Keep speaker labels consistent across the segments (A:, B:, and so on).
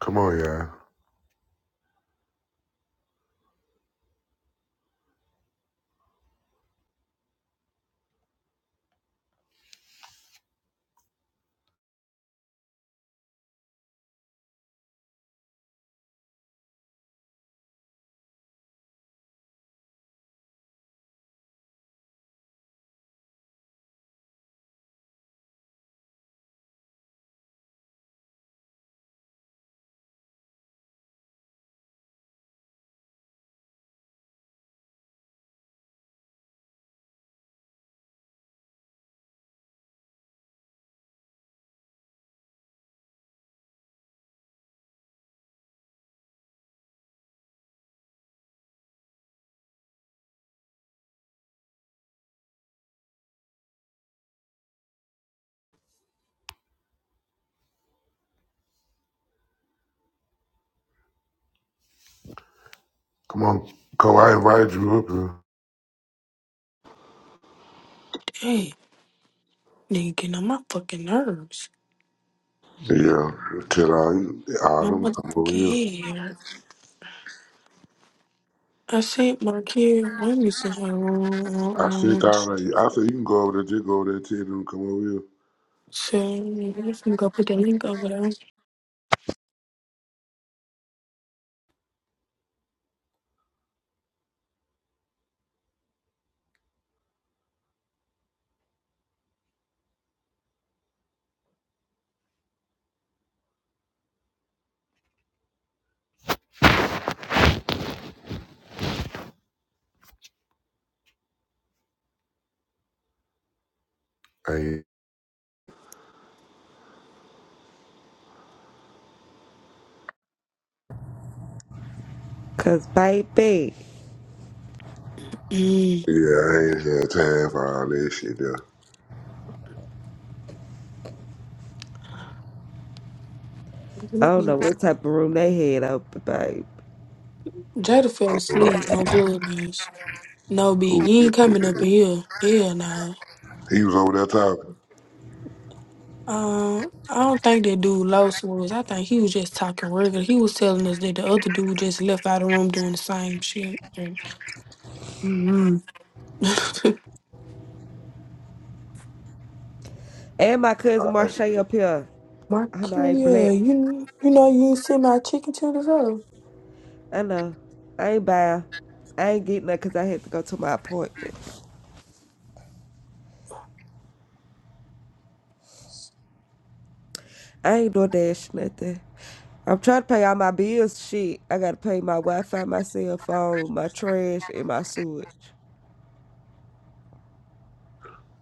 A: Come on, yeah. Come on, Co. I invited you up here.
B: Hey, nigga, getting on my fucking nerves.
A: Yeah, till I,
B: My
A: Autumn, come
B: motherfucking
A: over here.
B: head. I sent my kid. Let You said how
A: I
B: long.
A: sit down. like, I said, you can go over there. Just go over there, tell them to come over here.
B: So, I'm gonna go put that link over there.
A: I ain't,
C: Cause baby,
B: Mm.
A: yeah, I ain't had time for all that shit there.
C: I don't know what type of room they had open, babe.
B: Jada fell asleep on Clubhouse. No, B,
A: Who-
B: he ain't coming up in here. Hell no.
A: He was over there talking.
B: Uh, I don't think that dude lost was. I think he was just talking regular. He was telling us that the other dude just left out of the room during the same shit. Mm-hmm.
C: And my cousin
A: I
C: Marsha
A: ain't-
C: up here. I know I ain't black.
B: Marquita, you you know you ain't see my chicken tenders up.
C: I know. I ain't buy. I ain't getting that cause I had to go to my appointment. I ain't no dash nothing. I'm trying to pay all my bills. Shit, I gotta pay my Wi-Fi, my cell phone, my trash, and my sewage.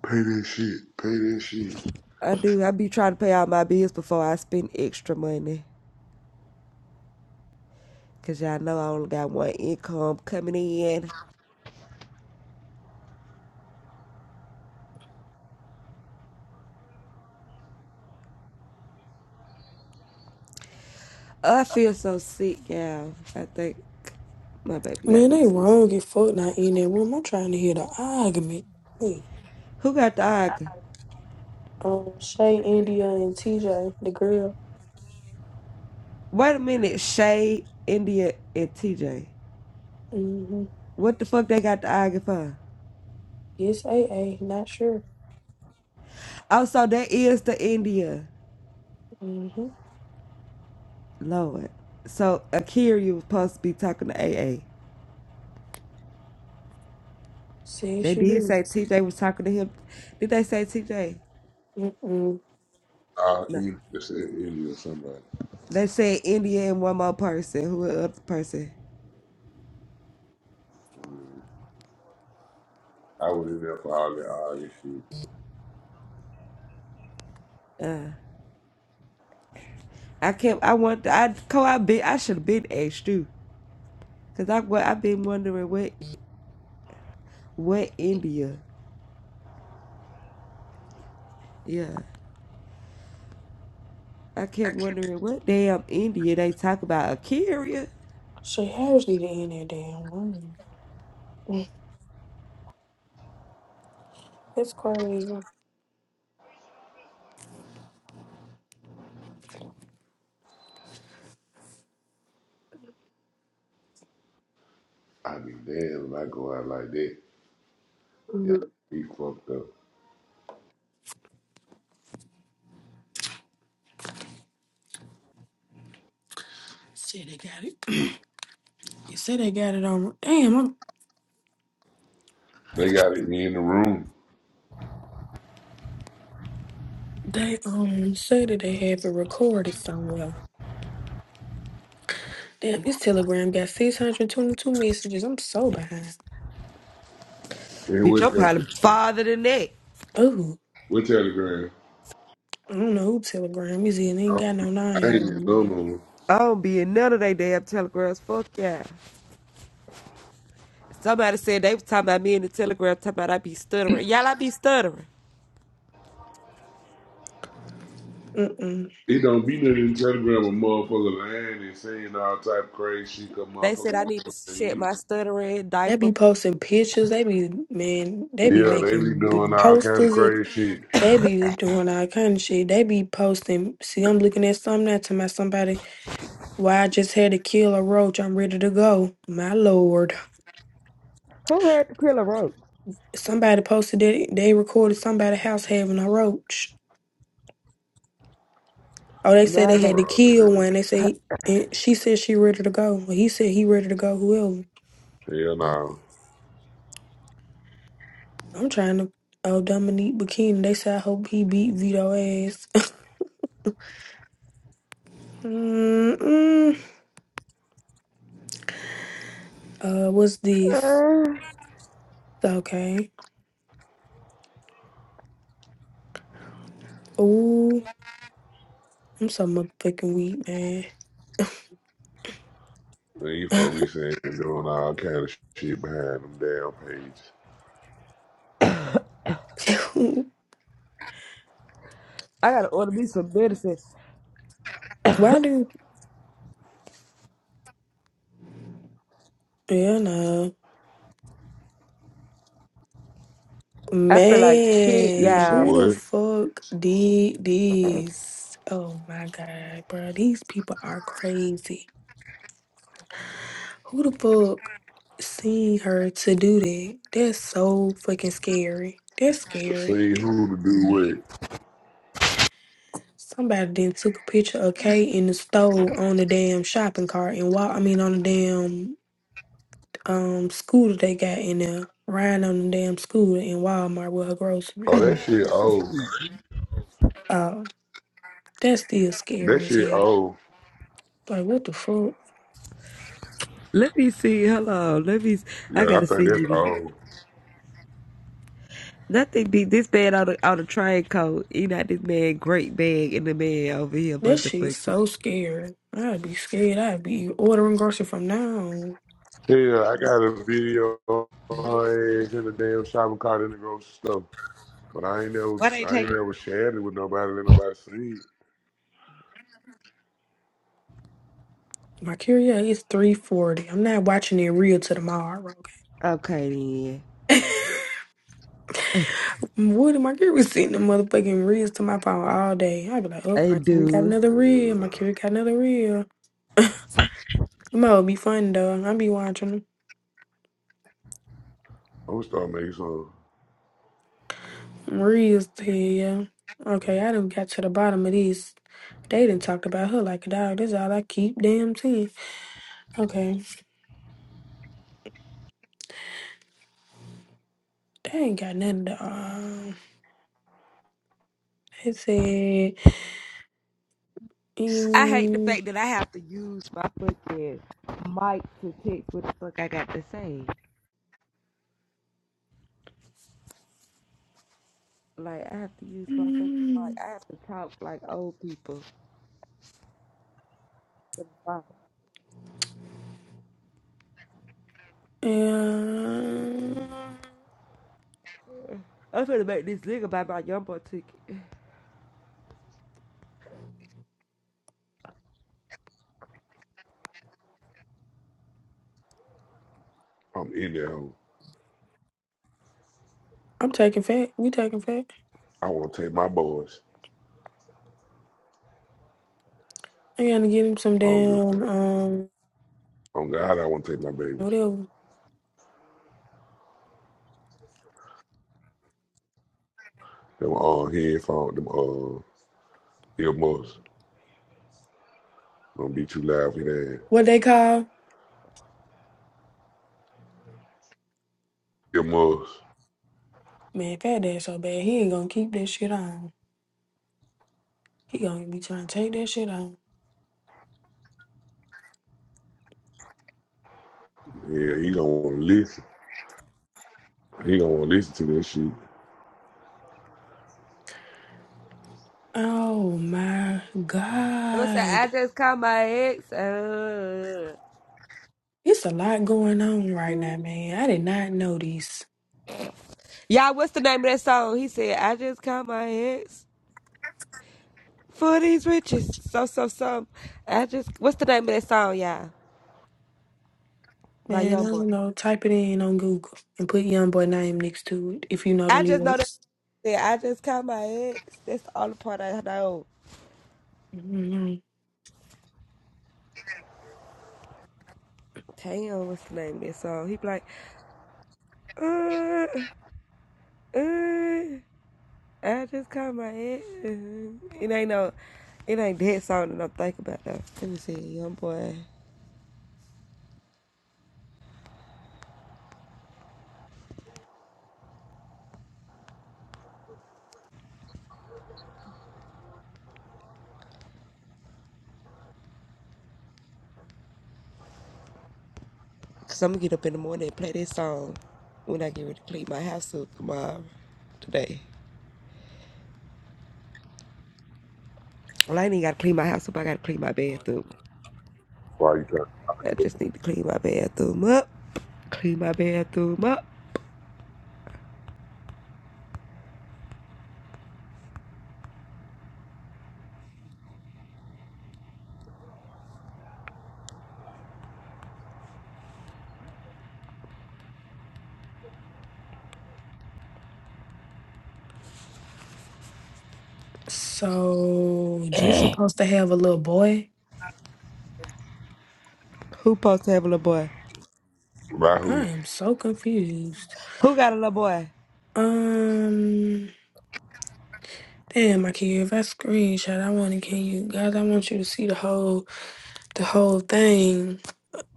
A: pay that shit. Pay that shit.
C: I do. I be trying to pay all my bills before I spend extra money. Cause y'all know I only got one income coming in. Oh, I feel so sick, y'all. I think my baby got
B: Man,
C: me
B: they
C: sick.
B: wrong as fuck not in that room. I'm trying to hear the argument. Hey,
C: Who got the Aga?
B: um, Shay, India, and TJ, the girl.
C: Wait a minute, Shay, India, and TJ.
B: Mm-hmm.
C: What the fuck they got the Aga for?
B: Yes, AA, not sure.
C: Oh, so that is the India.
B: Mm-hmm.
C: Lord. So Akira was supposed to be talking to A A.
B: Says
C: They
B: she
C: did
B: do.
C: say TJ was talking to him. Did they say TJ?
B: Mm-mm.
A: I
C: No.
A: in it's in India or somebody.
C: They said India and one more person. Who the other person?
A: I was in there for all that arguing shit.
C: I can't. I want. I co. I been. I should have been asked too. Cause I. Well, I've been wondering what. what India? Yeah. I kept wondering what damn India they talk about a carrier.
B: She has need to end that damn room. Mm, That's crazy.
A: I be damn when I go out like that. Yeah,
B: Mm.
A: he fucked up.
B: Say they got it. You say they got it on. Damn, I'm,
A: They got me in the room.
B: they um say that they have it recorded somewhere. Damn, this Telegram got 622 messages. I'm so behind.
A: They
C: Bitch,
A: with
C: I'm
A: them.
C: probably farther than that.
B: Oh,
A: What Telegram?
B: I don't know who Telegram is. It ain't
A: I
B: got no
A: I ain't
B: name.
A: in
B: on
A: no more.
C: I don't be in none of they damn telegrams. Fuck yeah. Somebody said they was talking about me in the telegram, talking about I be stuttering. Y'all, I be stuttering.
B: Mm-mm.
A: It don't be nothing in Telegram a motherfucker lying and saying all type of crazy shit 'cause
C: They
A: motherfuckers.
C: said I need to
A: say
C: shit
A: you-
C: my stuttering
B: They
C: diaper.
B: be posting pictures. They be, man, they be
A: Yeah, they be
B: making b-
A: doing all kind of
B: posters. and
A: crazy shit.
B: They be doing all kind of shit. They be posting. See, I'm looking at something now to my somebody. Why I just had to kill a roach. I'm ready to go. My lord.
C: Who had to kill a rope?
B: Somebody posted that they recorded somebody house having a roach. Oh, they said they
A: They
B: had to
C: Milo.
A: wrong.
B: kill
A: man.
B: one. They say and she said she ready to go. Well, he said he ready to go. Whoever.
A: Hell no.
B: I'm trying to. Oh, Dominique Bikini. They said I hope he beat Vito ass. Mm-mm. Uh, what's this? Okay. Ooh, I'm so motherfucking weak, man.
A: Then you folks be saying and doing all kind of shit behind them damn pages.
C: I gotta order me some medicine.
B: Why do? Yeah, no.
C: I feel like shit,
A: You
B: Man,
A: some
B: who
C: y'all.
B: the
A: what?
B: fuck did this? Oh my god, bro. These people are crazy. Who the fuck seen her to do that? That's so fucking scary. That's scary.
A: Seeing who to do what.
B: Somebody then took a picture of Kate in the store on the damn shopping cart and walk. I mean, on the damn um scooter they got in there, riding on the damn scooter in Walmart with her
A: Oh,
B: groceries.
A: that shit old.
B: Oh, that's still
A: That
B: scary as
A: shit
B: hell.
A: old.
B: Like, what the fuck?
C: Let me see. Hello. Let me. I
A: Yeah, I
C: gotta see
A: think that's
C: you.
A: old.
C: That thing be this man on the on the train coat. You not this man great bag in the man over here,
B: That shit's
C: motherfucker.
B: so scary. I'd be scared. I'd be ordering grocery from now on.
A: Yeah, I got a video of my ass in the damn shopping cart in the grocery store. But I ain't never,
C: Why they
A: I
C: take
A: ain't
C: it?
A: never shared it with nobody. Let nobody see it.
B: My curio is three forty. I'm not watching it real till tomorrow.
C: Okay then.
B: Woody, my kid was sending the motherfucking reels to my phone all day. I'd be like, oh,
C: I
B: my kid got
C: do.
B: another reel.
A: And uh,
B: My kid got another reel. Them all be fun, though. I be watching them.
A: I'm gonna start making some.
B: Reels, hell yeah. Okay, I done got to the bottom of this. They done talked about her like a dog. This all I keep damn seeing. Okay, they ain't got nothing to, uh, they said,
C: I hate the
B: mm,
C: fact that I have to use my fucking mic to text what the fuck I got to say. Like I have to use my fucking mic.
B: mm,
C: I have to talk like old people.
B: yeah.
C: I'm finna make this nigga buy my jumbo ticket.
A: I'm in there. hoe.
B: I'm taking fat. We taking fat.
A: I want to take my boys.
B: I gotta get him some
A: I don't give a
B: damn,
A: fuck.
B: um,
A: On God, I want to take my babies.
B: Whatever.
A: Them uh, headphones, them uh, earmuffs. Gonna be too loud for that.
B: What they call?
A: Earmuffs.
B: Man, fat dad so bad. He ain't gonna keep that shit on. He gonna be trying to take that shit on.
A: Yeah, he don't want to listen. He don't want to listen to this shit.
B: Oh my
C: What's that?
B: God.
C: I just called my ex. Uh.
B: It's a lot going on right now, man. I did not know this.
C: Y'all, what's the name of that song? He said, I just called my ex. For these riches. So, so, so. I just, what's the name of that song, y'all? By
B: Man, I
C: Youngboy.
B: don't know. Type it in on Google and put young boy name next to it if you know the
C: I just know that.
B: lyrics.
C: Yeah, I just caught my ex. That's the only part I know.
B: hmm
C: Damn, what's the name of that song? He be like, uh, uh, I just caught my ex. It ain't no, it ain't that song that I'm thinking about though. Let me see, young boy. Cause I'm gonna get up in the morning and play this song when I get ready to clean my house up tomorrow, today. Well, I ain't even gotta clean my house up. I gotta clean my bathroom.
A: Why you trying
C: I
A: to?
C: just need to clean my bathroom up. Clean my bathroom up.
B: So, she's supposed to have a little boy?
C: Who supposed to have a little boy?
A: Right?
B: I
A: Who?
B: am so confused.
C: Who got a little boy?
B: Um. Damn, my kid. if I screenshot, I want to get you guys. I want you to see the whole the whole thing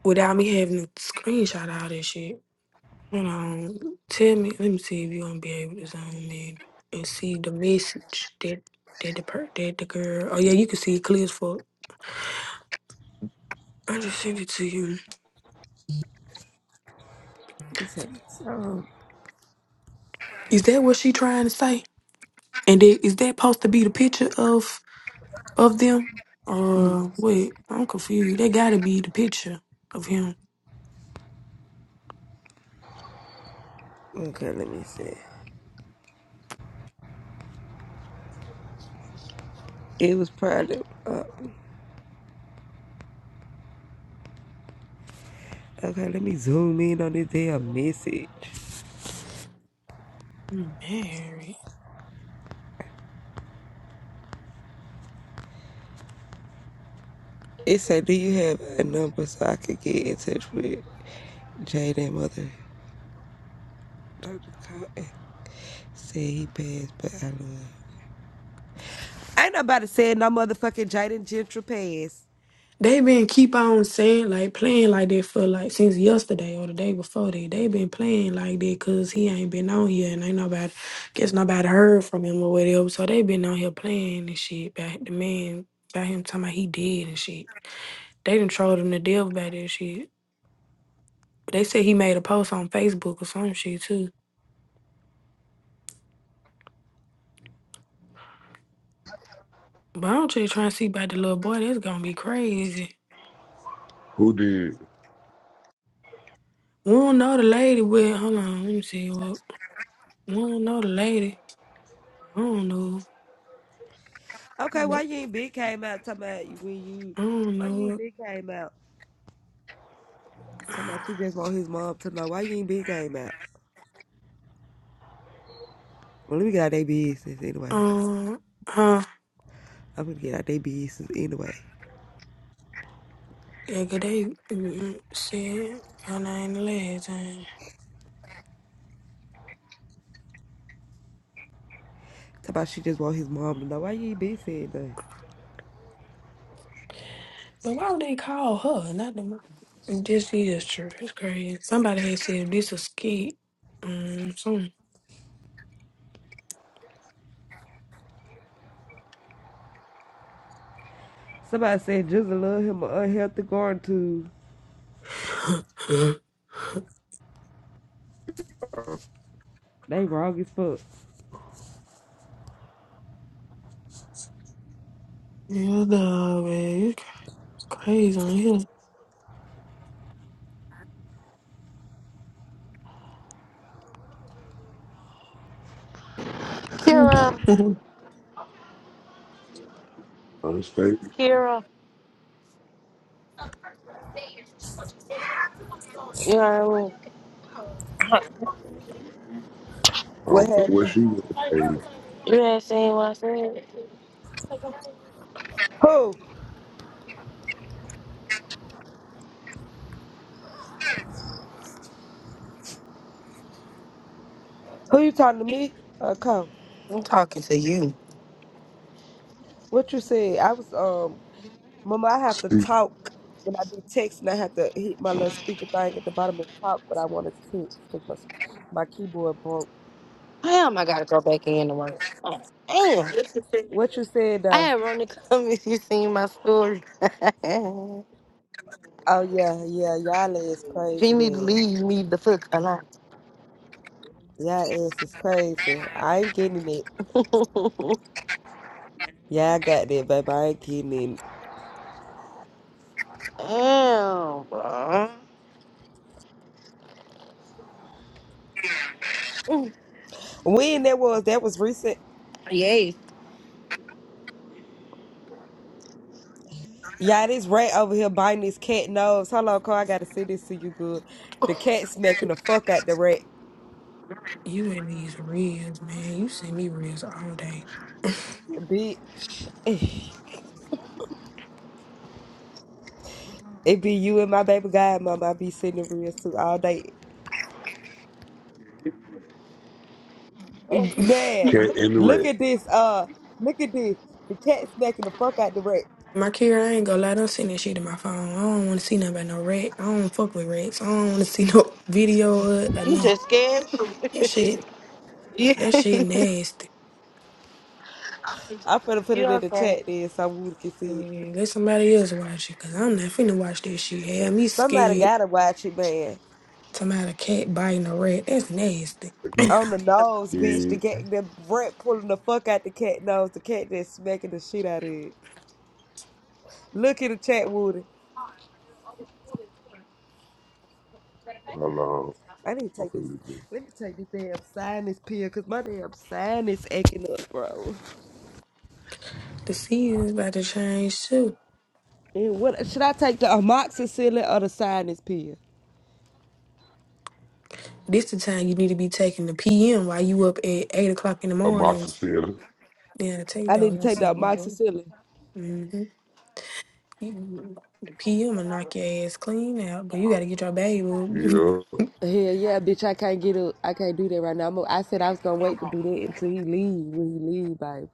B: without me having to screenshot all this shit. Hold on, tell me. Let me see if you gonna be able to zoom in and see the message that that the per that the girl. Oh yeah, you can see it clear as fuck. I just sent it to you.
C: This seconds. Um,
B: Is that what she trying to say? And that, is that supposed to be the picture of of them?
C: let me
B: Or
C: see.
B: wait, I'm confused. That gotta be the picture of him.
C: Okay, let me see. It was probably. Uh, okay, let me zoom in on this damn message.
B: Married.
C: It said, "Do you have a number so I could get in touch with Jaden mother?" Dr. Cotton said he passed, but I love. Ain't nobody said no motherfucking Jaden Gentry passed.
B: They been keep on saying like playing like that for like since yesterday or the day before that. They been playing like that cause he ain't been on here and ain't nobody guess nobody heard from him or whatever. So they been on here playing and shit about the man about him talking about he dead and shit. They done trolled him to death about that shit. They said he made a post on Facebook or some shit too. But I'm just trying to see about the little boy. That's gonna be crazy.
A: Who did?
B: We don't know the lady, but hold on, let me see. Look, we don't know the lady. I don't know.
C: Okay, why you ain't big came out talking about you when you
B: I don't
C: why
B: know
C: you ain't
B: what.
C: big came out? Talking about you just want his mom to know why you ain't big came out. Well let me get out their business anyway.
B: Um, huh?
C: I'm gonna get out their business anyway.
B: Yeah, 'cause they mm, said her name the last time.
C: Talk about she just want his mom to know why you ain't been saying nothing.
B: But why would they call her? Not the mom. This is true. It's crazy. Somebody had said this a skit. Um, something.
C: Somebody said Jizzle love him an unhealthy garden too.
A: I
C: They wrong as fuck.
B: yeah, dog, man. It's crazy on here.
D: Kira,
A: understand.
D: Kira, you heard me.
A: I don't
C: What
A: know what
C: happened?
A: she would have paid.
D: You ain't seen what I said.
C: Who? Who you talking to me? Uh Cole.
D: I'm talking to you.
C: What you said? I was um Mama, I have to
A: She
C: talk when I be texting. I have to hit my little speaker thing at the bottom and talk what I want to text because my my keyboard broke.
D: Damn, I gotta go back in to work. Oh, damn,
C: What you said
D: I
C: though?
D: had Ronnie come if you seen my story. if
C: Oh yeah, yeah. Y'all ass
D: you
C: crazy,
D: need to
C: man.
D: leave, leave the fuck alone.
C: Y'all ass is crazy. I ain't getting it. Yeah, I got that, baby. I ain't getting it.
D: damn, bro.
C: When that was, that was recent.
D: Yes,
C: Yeah, this rat over here biting this cat nose. Hold on, Carl. I gotta see this to you good. The cat smacking the fuck out the rat,
B: you and these reels, man. You send me reels all day.
C: bitch. It be you and my baby godmama. I be sitting in real too all day. Man,
A: can't
C: look
A: interact.
C: at this. Uh, look at this. The cat smacking the fuck out the rat.
B: Markira, I ain't gonna lie, don't send that shit to my phone. I don't wanna see nothing about no rat. I don't fuck with rats. I don't wanna see no video of or
D: you
B: nothing.
D: just scared
B: That
D: me.
B: shit, that
D: yeah,
B: shit nasty.
C: I'm finna put
D: you
C: it in the
D: okay?
C: chat then so we can see it.
B: Mm, Let somebody else watch it, cause I'm not finna watch that shit. Have me
C: Somebody
B: scared.
C: gotta watch it, man.
B: Somebody a cat biting a rat. That's nasty.
A: If you
C: On the nose, bitch. The
A: did,
C: cat, the rat pulling the fuck out the cat nose. The cat that's smacking the shit out of it. Look at the chat, Woody.
A: hello,
C: I need to
A: I'm
C: take this.
A: feeling good.
C: Let me take this damn sinus pill, cause my damn sinus acting up, bro.
B: The season's about to change too.
C: And what should I take the amoxicillin or the sinus pill?
B: This the time you need to be taking the PM while you up at eight o'clock in the
A: Amasa
B: mornings.
A: said,
B: Yeah, take
C: I
B: that
C: need to
B: one.
C: take the amoxicillin.
B: Mm-hmm. Mm, The PM will knock your ass clean out, but you gotta get your bag. boo.
A: yeah,
C: Hell yeah, bitch! I can't get up. I can't do that right now. I'm, I said I was gonna wait to do that until he leave. When he leave, babe.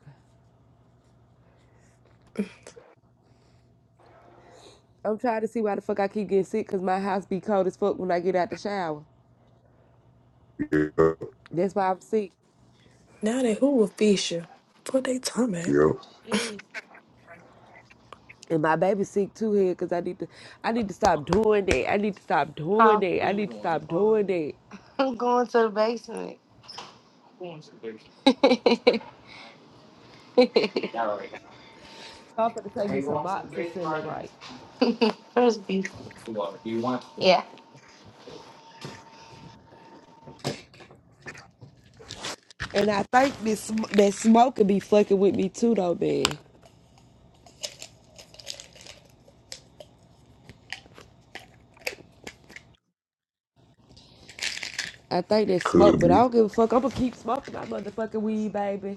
C: I'm trying to see why the fuck I keep getting sick. Cause my house be cold as fuck when I get out the shower.
A: yeah,
C: That's why I'm sick.
B: now that who will fish you? Put they tongue back.
A: yeah,
D: Jeez.
C: And my baby's sick too here. Cause I need to. I need to stop doing that. I need to stop doing
D: Huh?
C: that. I need to stop doing that.
D: I'm going to the basement.
C: So I'm gonna take this amoxicillin right.
D: First Yeah.
C: And I think this sm- that smoke could be fucking with me too though, man. I think they
A: could
C: smoke, but I
A: be.
C: don't give a fuck. I'm gonna keep smoking my motherfucking weed, baby.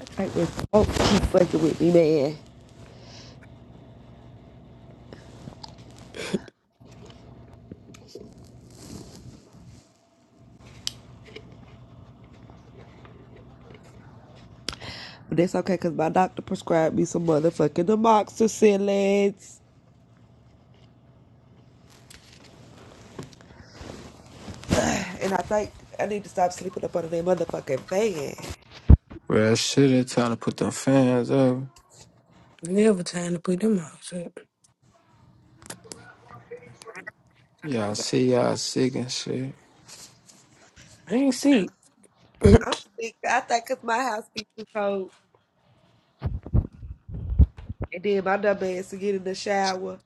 C: I think they smoke keep fucking with me, man. But that's okay, cause my doctor prescribed me some motherfucking amoxicillin. and I think I need to stop sleeping up under that motherfucking fan.
E: Real shit, they trying to put them fans up.
B: Never time to put them out. so
E: Y'all see y'all sick and shit.
B: I ain't see.
C: I'm sick. I think cause my house be too cold, and then my dumb ass to get in the shower,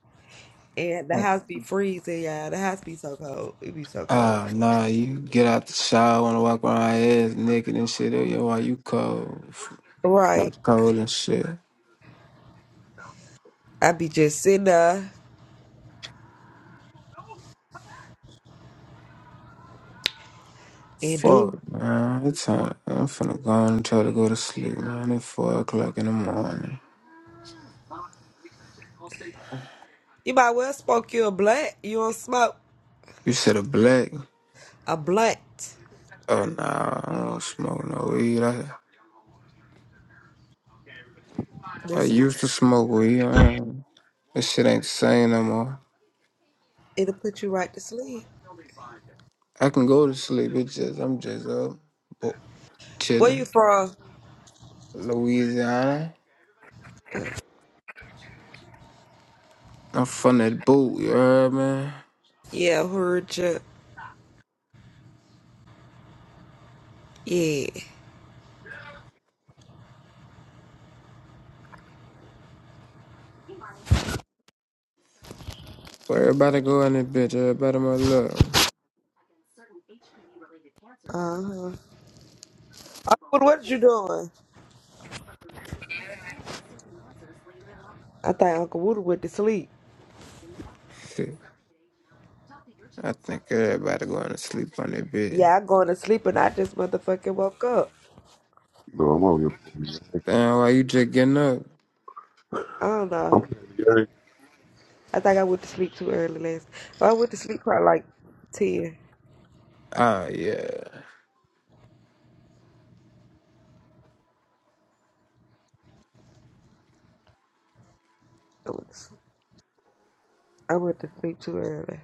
C: and the
E: Oh.
C: house be freezing, y'all. The house be so cold. It be so cold.
E: Ah, nah, you get out the shower, wanna walk around ass naked and shit. Oh, yo, why you cold?
C: Right.
E: Not cold and shit.
C: I be just sitting there and
E: Fuck,
C: do.
E: man. It's time. I'm finna go on and try to go to sleep, man. It's 4 o'clock in the morning.
C: You might well smoke you a blunt. You don't smoke
E: You said a black?
C: a blunt.
E: Oh, nah, I don't smoke no weed. I, I
C: That's
E: used to smoke weed. I don't- This shit ain't the same no more.
C: it'll put you right to sleep.
E: I can go to sleep. It's just, I'm just up.
C: Where you
E: Chilling.
C: from?
E: Louisiana. I'm from that boot, you heard man.
C: Yeah, heard you. Yeah.
E: Where everybody go in that bitch, everybody my love.
C: Uh huh. What what you doing? I think Uncle Woody went to sleep.
E: Shit. I think everybody going to sleep on that bitch.
C: Yeah, I going to sleep and I just motherfucking woke up.
A: No, I'm over here.
E: Damn, why you just getting up?
C: I don't
A: I'm
C: know.
A: playing the game.
C: I think I went to sleep too early last. I went to sleep probably like ten.
E: Ah, yeah.
C: I went to sleep, I went to sleep too early.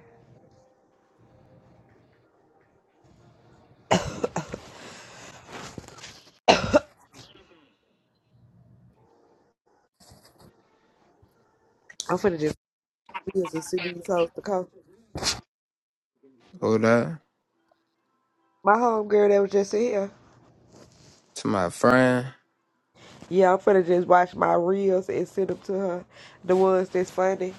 C: I'm finna just bills and see me these hoes to come.
E: Hold up.
C: My homegirl that was just in here.
E: To my friend,
C: Yeah, I'm finna just watch my reels and send them to her. The ones that's funny.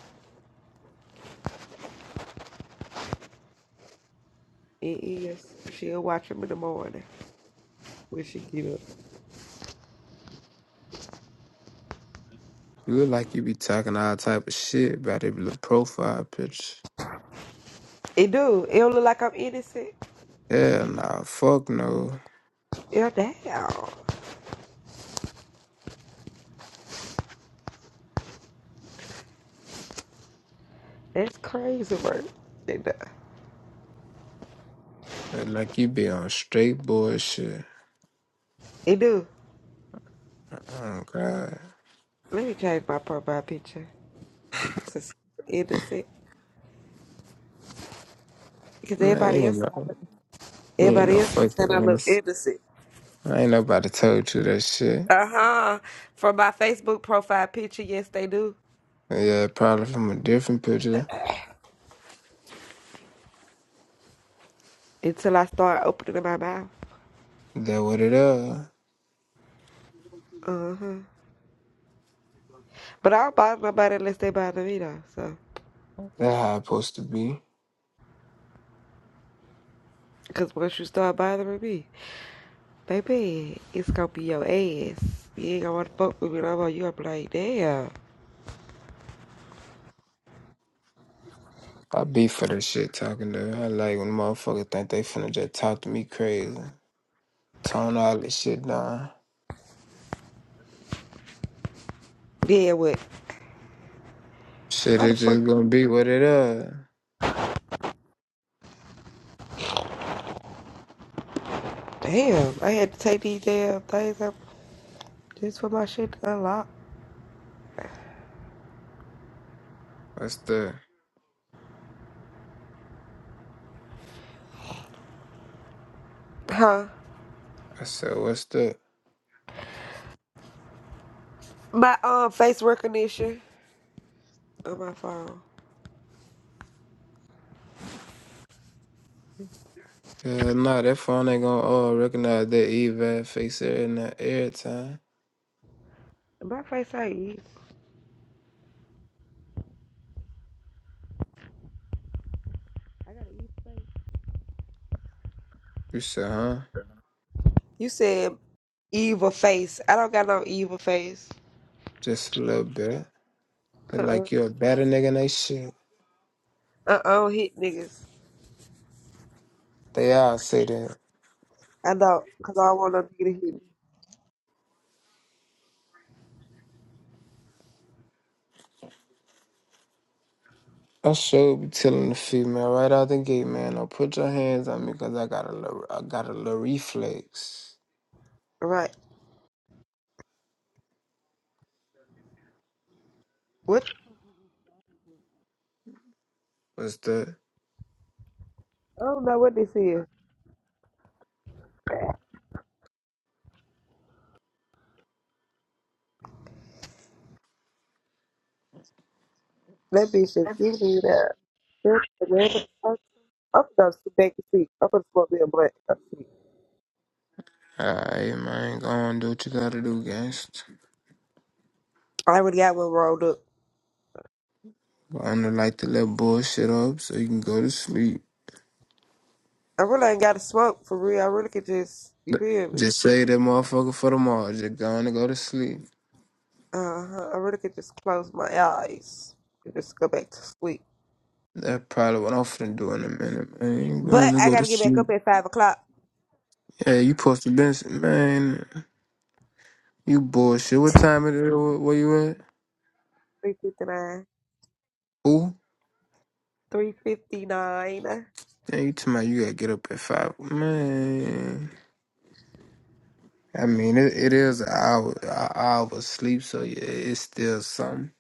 C: It is. She'll watch them in the morning when she get up.
E: you look like you be talking all type of shit about that little profile picture.
C: It do. It don't look like I'm innocent.
E: Hell nah, fuck no.
C: Yeah, damn. That's crazy, bro. It do.
E: Look like you be on straight bullshit.
C: It do.
E: Oh, God.
C: Let me change my profile picture to s- innocent. Because
E: Man, you
C: everybody
E: ain't
C: else,
E: no, you ain't
C: everybody
E: no
C: else be saying
E: fucking
C: I look
E: innocent.
C: innocent.
E: I ain't nobody told you that shit.
C: Uh-huh. From my Facebook profile picture, yes, they do.
E: Yeah, probably from a different picture.
C: Until I start opening my mouth.
E: That what it is.
C: Uh-huh. But I don't bother nobody unless they bother me though. So,
E: That how it's supposed to be.
C: cause once you start bothering me, baby, it's gonna be your ass. You ain't gonna wanna fuck with me no more. You gonna be like, damn,
E: I be for that shit talking to her. I like when motherfuckers think they finna just talk to me crazy. Tone all this shit down.
C: yeah, what?
E: Shit,
C: Why the
E: it
C: fuck?
E: just gonna be what it is.
C: Damn, I had to take these damn things up just for my shit to unlock,
E: What's the?
C: huh?
E: I said, what's the?
C: My um face recognition on my phone.
E: Yeah, nah, that phone ain't gonna all recognize that evil face every, now- every time.
C: My face ain't evil. I got an evil face.
E: You said, huh?
C: You said evil face. I don't got no evil face.
E: Just a little bit. Look
C: Uh uh-uh.
E: like you a better nigga than they shit.
C: uh. Uh oh, hit niggas.
E: They all say that.
C: I know, cause I don't want no nigga to hit me.
E: I should be telling the female right out the gate, man. Don't put your hands on me, cause I got a little, I got a little reflex.
C: Right. What?
E: What's that?
C: I don't know what this is. That bitch just giving you that. That's the random person. I'm gonna sit back and see. I'm gonna smoke me a blunt. and see.
E: Alright, man. Go on, do what you gotta do, gangsta.
C: I already got one rolled up.
E: But I'm gonna light the little bullshit up so you can go to sleep.
C: I really ain't got to smoke for real. I really could just, you feel me?
E: Just say that motherfucker for tomorrow. Just go on and go to sleep.
C: Uh huh. I really could just close my eyes and just go back to sleep.
E: That's probably what I'm finna do in a minute, man. Go gonna
C: But I
E: go to
C: gotta get back
E: sleep.
C: up at five o'clock.
E: Yeah, you supposed to been, man. You bullshit. What time it is? Where where you at?
C: Three fifty nine.
E: Who?
C: Three fifty nine.
E: Yeah, you talking about you gotta get up at five, man. I mean, it, it is an hour, an hour of sleep, so yeah, it's still something.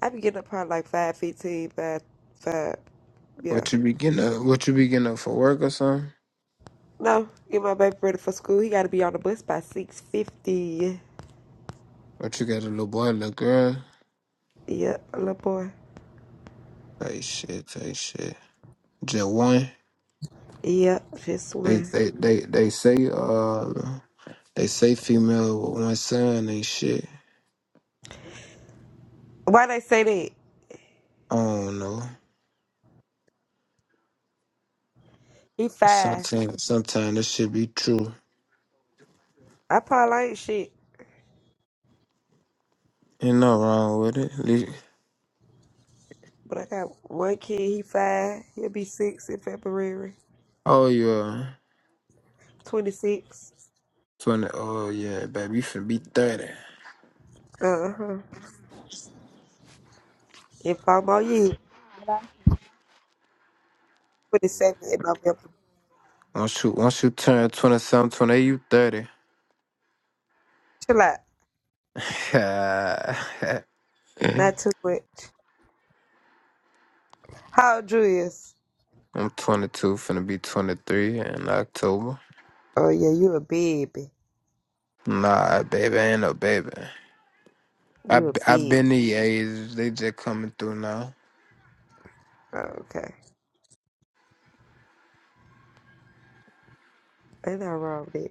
C: I be getting up probably like five fifteen, five five. Yeah.
E: What you be getting up? What you be getting up for work or something?
C: No, get my baby ready for school. He got to be on the bus by six fifty.
E: What you got a little boy, little girl?
C: Yep, little boy.
E: Hey shit, hey shit. Just one.
C: Yep, just
E: They
C: one.
E: they they they say uh they say female with one son and shit.
C: Why they say that?
E: I don't know.
C: He five.
E: Sometimes sometimes this should be true.
C: I probably ain't shit,
E: Ain't no wrong with it. Le-
C: but I got one kid. He five. He'll be six in February.
E: Oh yeah.
C: Twenty six.
E: 20, oh yeah, baby, you finna be 30.
C: Uh huh. In five more years. Twenty seven in November.
E: Once you, once you turn 27, 28, you 30.
C: Chill out. Not too much. How old you is?
E: I'm 22, finna be 23 in October.
C: Oh yeah, you a baby.
E: Nah, baby, I ain't no baby. I,
C: You a
E: b- I
C: big.
E: been the age, they just coming through now.
C: Oh, okay. Ain't nothing wrong with that.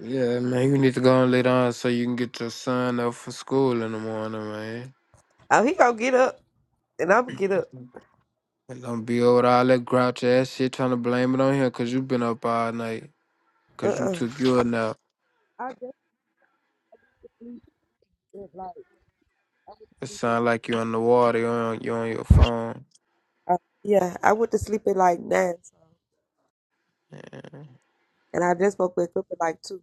E: Yeah, man, you need to go and lay down so you can get your son up for school in the morning, man.
C: Oh, he gonna get up, and I'm gonna get up.
E: And don't be over all that grouch ass shit trying to blame it on him because you been up all night because you
C: Uh-uh.
E: took your nap.
C: I just sleep at like I was
E: It sound
C: sleeping.
E: like you on the water, you on you on your phone.
C: Uh, yeah, I went to sleep at like nine,
E: Man,
C: and I just woke back up at like two.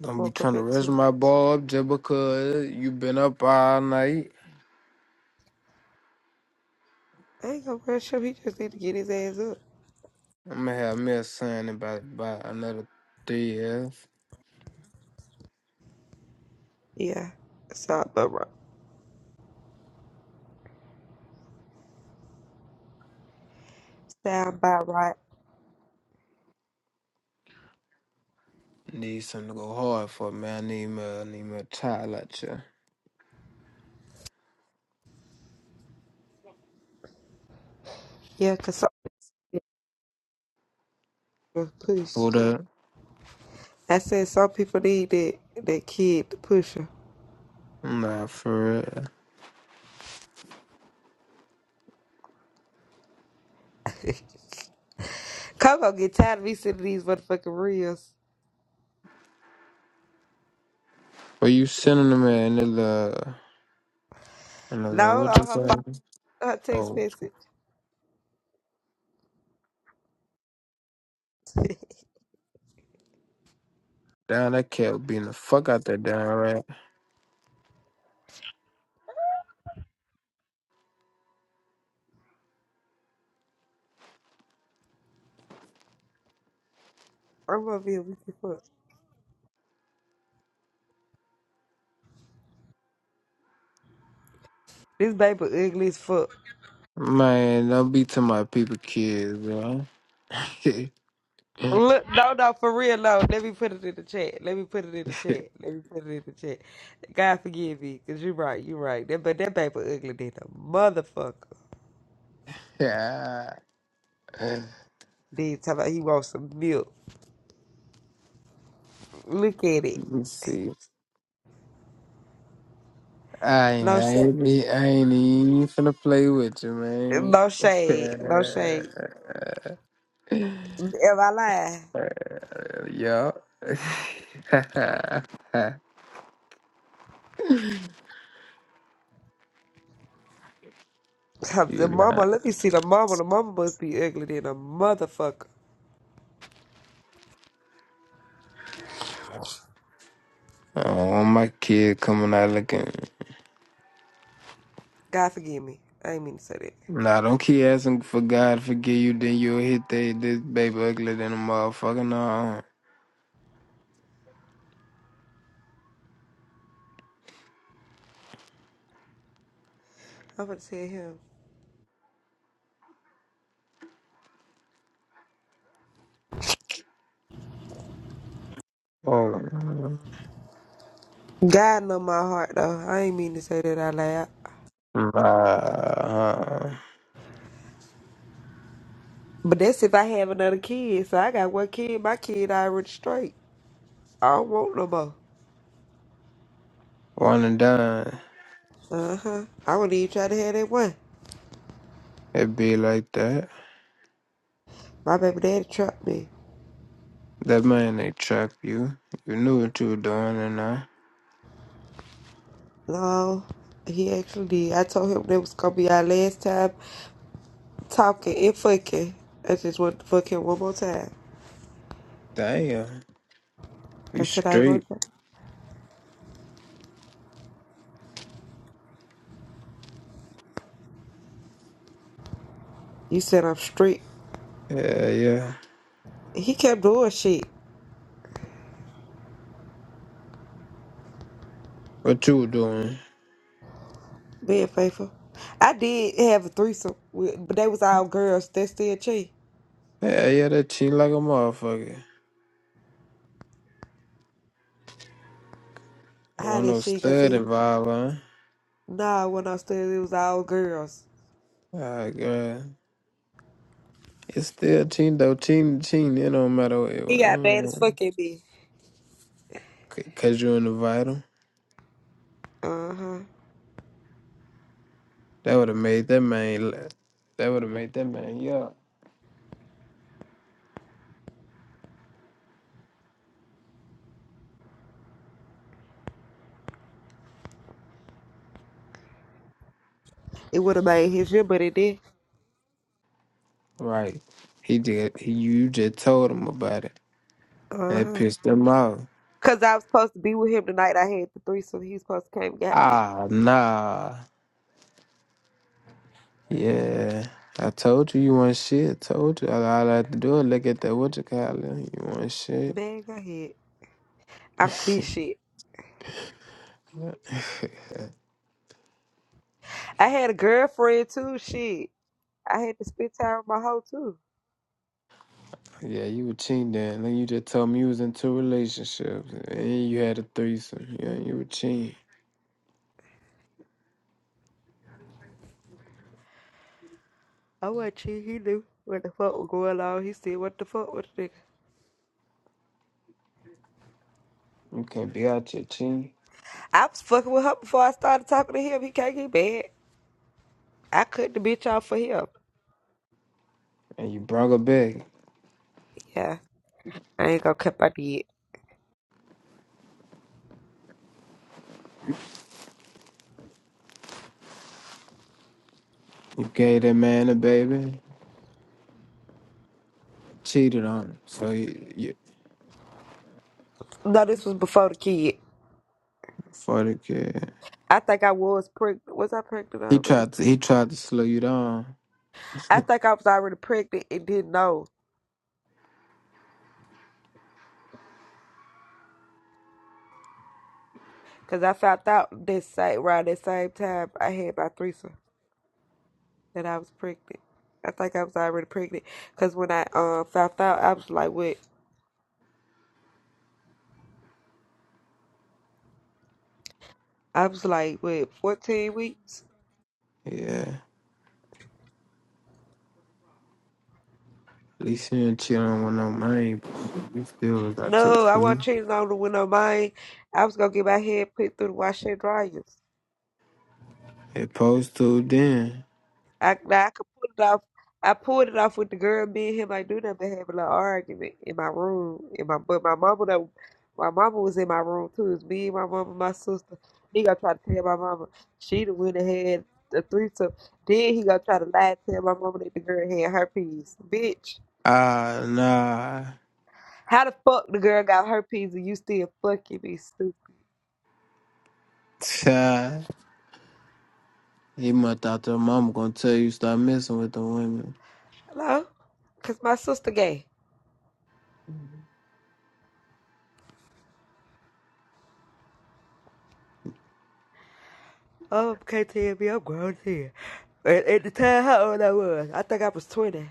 E: Don't be
C: Woke
E: trying
C: up
E: to
C: at
E: rush
C: two.
E: my ball up just because you been up all night.
C: I ain't gonna rush him. He just need to get his ass up.
E: I'ma have me a son in about about another three years.
C: Yeah, sound about right. Sound about right.
E: Need something to go hard for, man. I need me, I need me a child like you.
C: Yeah, 'cause some people push.
E: Hold up.
C: I said some people need that that kid to push her.
E: Nah, for real.
C: Coco get tired of me sending these motherfucking reels.
E: But you sending them at? in the little, in the little,
C: No,
E: what you
C: on her phone,
E: call it?
C: her text
E: Oh,
C: message.
E: down that cat being the fuck out that down right.
C: I'm gonna be a weak as fuck. This baby ugly as fuck.
E: Man, don't be to my people kids, bro.
C: Look, no, no, for real, no. Let me put it in the chat. Let me put it in the chat. Let me put it in the chat. God forgive me, cause you're right, you're right. That, but that paper ugly than a motherfucker.
E: Yeah. Let
C: Then talk about he wants some milk. Look at it.
E: me see. I,
C: No
E: I,
C: shade.
E: ain't, be- I ain't even finna play with you, man.
C: No shade. No shade. Am I lying?
E: Yeah. you
C: Huh, The
E: lying.
C: mama, let me see the mama. The mama must be ugly than a motherfucker.
E: I don't want my kid coming out looking.
C: God forgive me. I ain't mean to say that.
E: Nah, don't keep asking for God to forgive you, then you'll hit they, this baby uglier than a motherfucker. No.
C: I'm gonna tell him.
E: Oh.
C: God know my heart though. I ain't mean to say that out loud.
E: Nah. uh,
C: But that's if I have another kid. So I got one kid. My kid already straight. I don't want no more.
E: One and done.
C: Uh huh. I wouldn't even try to have that one.
E: It be like that.
C: My baby daddy trapped me.
E: That man they trap you. You knew what you were doing and I
C: No, he actually did. I told him that was gonna be our last time talking and fucking. I just want to fuck him one more time.
E: Damn. You
C: I said I ain't want
E: straight.
C: to. You said I'm strict.
E: Yeah, yeah.
C: He kept doing shit.
E: What you were doing?
C: Being faithful. I did have a threesome, with, but they was all girls. That's still cheap.
E: Yeah, yeah, that cheat like a motherfucker. It
C: How
E: wasn't
C: did
E: no
C: she? Cause
E: stud
C: he
E: involved, huh?
C: Nah, when upstairs it was all girls.
E: Alright, God. It's still team though, team to team, it don't matter what it
C: He got bad as
E: was.
C: fuck at me.
E: C- Cause you in the vital.
C: Uh huh.
E: That would have made that man la- that would have made that man yeah.
C: It would have made his year, but it did.
E: Right. He did he you just told him about it. And
C: Uh
E: it
C: huh.
E: pissed him off.
C: Cause I was supposed to be with him tonight. I had the threesome. He was supposed to came and got me.
E: Ah nah. Yeah, I told you you want shit. Told you all all I had to do is look at that what you call it. You want shit.
C: Man, go ahead. I'm this shit. I had a girlfriend too. Shit. I had to spend time with my hoe too.
E: Yeah, you were cheating then. Then you just told me you was in two relationships and you had a threesome. Yeah, you were cheating.
C: I wasn't cheating. He knew what the fuck was going on. He said, "What the fuck with the nigga?"
E: You can't be out here cheating.
C: I was fucking with her before I started talking to him. He can't get bad. I cut the bitch off for him.
E: And you brought her back.
C: Yeah. I ain't gonna cut my dick.
E: You gave that man a baby. Cheated on him. So you, you
C: No, this was before the kid.
E: for the kid.
C: I think I was pregnant. Was I pregnant
E: He
C: already?
E: tried to he tried to slow you down.
C: I think I was already pregnant and didn't know. Because I found out this same, around that same time I had my threesome that I was pregnant. I think I was already pregnant. Because when I uh, found out, I was like, what? I was like, what, 14 weeks?
E: Yeah. At least you didn't cheat on one of mine. You still was out here
C: No, I
E: cheating.
C: wasn't cheating on the window mine. I was going to get my head put through the washer and dryers."
E: It posed to then.
C: I now I could pull it off. I pulled it off with the girl. Me and him, I knew them to have a little argument in my room. In my but my mama, though, my mama was in my room too. It's me, my mama, my sister. He gonna try to tell my mama she the one that had the threesome. Then he gonna try to lie and tell my mama that the girl had herpes. Bitch,
E: Ah, nah.
C: how the fuck the girl got herpes and you still fucking me, stupid?
E: Tcha. He must thought the mama gonna tell you stop messing with the women.
C: Hello, cause my sister gay. Oh, can't tell me I'm grown here. At, at the time, how old I was? I think I was twenty.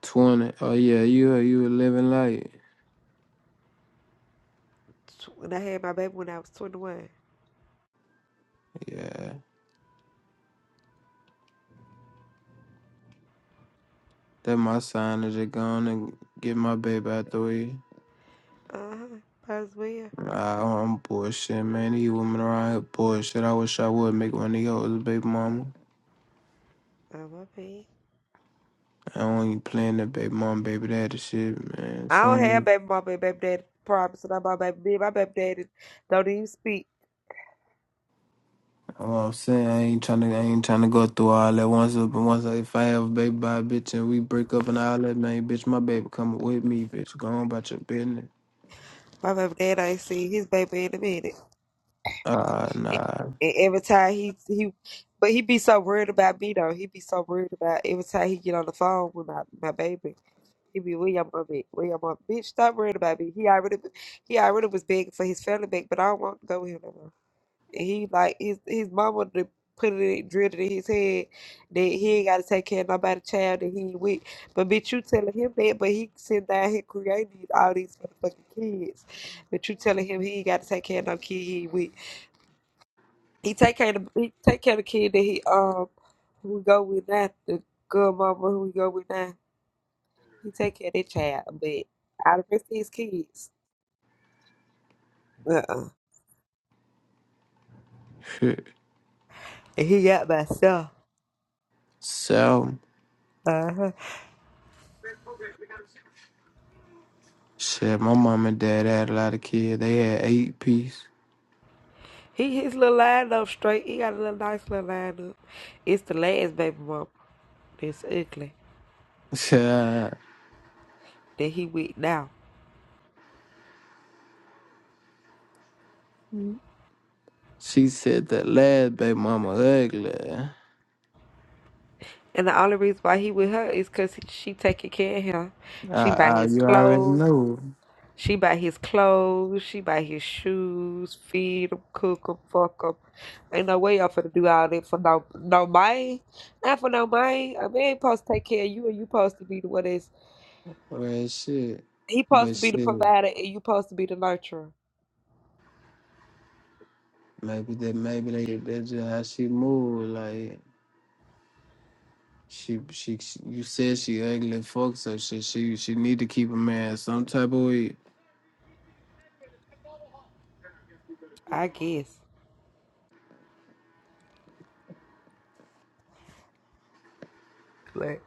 E: 20. Oh, yeah, you you a living light.
C: tw- when I had my baby when I was 21.
E: Yeah. That my sign is it gone and get my baby out the way.
C: Uh huh. Might as well.
E: Nah, I'm bullshit, man. These women around here bullshit. I wish I would make one of y'all a baby mama.
C: Oh, my bad.
E: I don't even plan that baby mom, baby daddy shit, man.
C: I don't
E: So
C: have baby mama and baby daddy problems, and I'm my baby. Me and my baby daddy don't even speak.
E: I'm all saying I ain't trying to I ain't trying to go through all that once up and once if I have a baby by a bitch and we break up and all that man bitch my baby coming with me bitch go on about your business
C: My baby daddy ain't seen his baby in a minute.
E: ah nah
C: And every time he, he, but he be so worried about me though. He be so worried about every time he get on the phone with my, my baby. He be where your mama at? Where your mama? Bitch, stop worrying about me. He already, he already was begging for his family back, but I don't want to go with him no more. he like his his mama d- put it drilled it in his head that he ain't gotta take care of nobody child that he ain't with. But bitch, you telling him that, but he sitting down here creating these- all these motherfucking kids. But you telling him he ain't gotta take care of no kid he ain't with. He take care of the, he take care of the kid that he um who we go with now, the good mama who we go with now. He take care of that child, but all the rest of his kids. Uh uh
E: shit
C: And he got myself.
E: so
C: Uh huh.
E: shit my mom and dad had a lot of kids they had eight piece
C: He his little line up straight. He got a little nice little line up. It's the last baby mama that's ugly that he with now.
E: she said that last baby mama ugly
C: And the only reason why he with her is cause she taking care of him. She
E: ah
C: buy
E: ah
C: his
E: you already
C: clothes.
E: know
C: She buy his clothes. She buy his shoes. Feed him, cook him, fuck him. Ain't no way y'all finna do all that for no no man. Not for no man. A man supposed to take care of you, and you supposed to be the one that's
E: well shit
C: he supposed
E: but
C: to be the
E: shit
C: provider, and you supposed to be the nurturer.
E: maybe that maybe they that's just how she move like. She, she, she- you said she ugly. Fuck so shit. She, she need to keep a man some type of way.
C: I guess. but.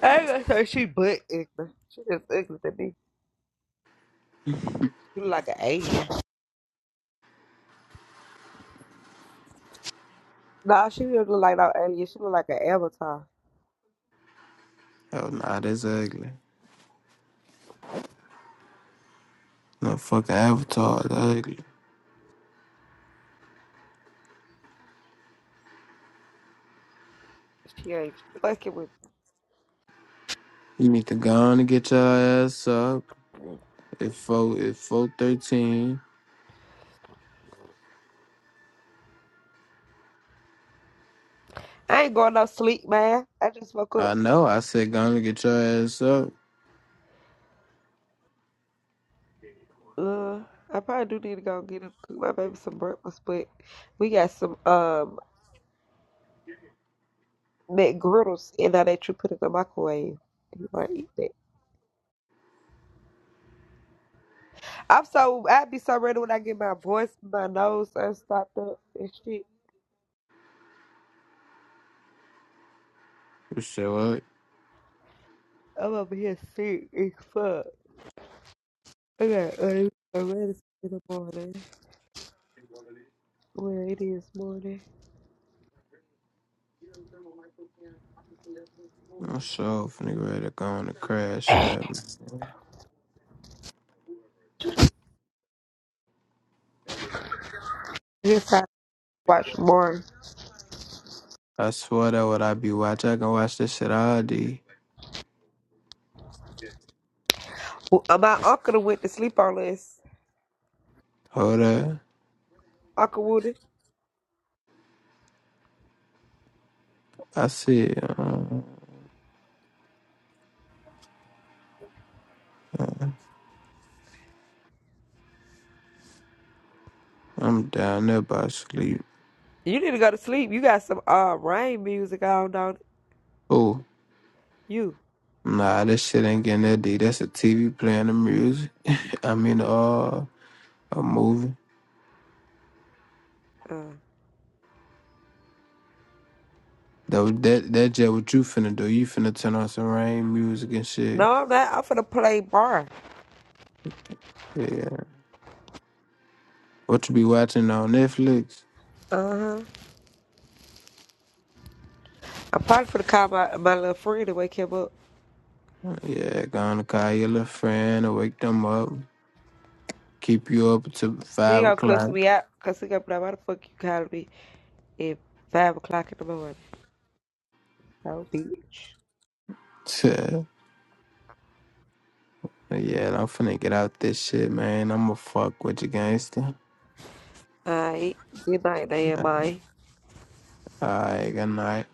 C: I ain't gonna say she butt ignorant. She just ignorant to me. She look like an alien. Nah, she don't look like no alien. She look like an avatar.
E: Oh, nah, that's ugly. No fucking avatar, that's ugly.
C: She ain't fucking with. me.
E: You need to go on and get your ass up. If four, if four thirteen,
C: I ain't going no sleep, man. I just woke
E: I
C: up.
E: know. I said go on and get your ass up.
C: Uh, I probably do need to go get him, cook my baby some breakfast, but we got some um McGriddles in there that you put in the microwave. You might eat that. I'm so I'd be so ready when I get my voice, my nose unstopped up and shit.
E: You said what?
C: I'm over here sick as fuck. I got uh, a red in the morning. Where it is morning.
E: I'm sure if nigga ready to go on and crash out. man.
C: It's time to watch more.
E: I swear that what I be watching, I can watch this shit all day.
C: Uh, My uncle went to sleep on this.
E: Hold up,
C: Uncle Woody,
E: I see. Uh, uh, I'm down there by sleep.
C: you need to go to sleep. You got some uh rain music on, don't
E: Oh.
C: you?
E: Nah, this shit ain't getting that deep. That's a TV playing the music. I mean, uh, a movie.
C: Uh,
E: That was- that that jet. What you finna do? You finna turn on some rain music and shit.
C: no, I'm not. I'm finna play bar.
E: Yeah. What you be watching on Netflix?
C: Uh huh. I'm probably finna call my, my little friend to wake him up.
E: Yeah, gonna call your little friend or wake them up. Keep you up till
C: He
E: five
C: gonna cuss
E: o'clock.
C: me out because he gonna be like, why the fuck you calling me at 5 o'clock in the morning? Oh, bitch.
E: Yeah, I'm finna get out this shit, man. I'ma fuck with you, gangster.
C: Alright. Good night, damn, mate.
E: Alright, good night.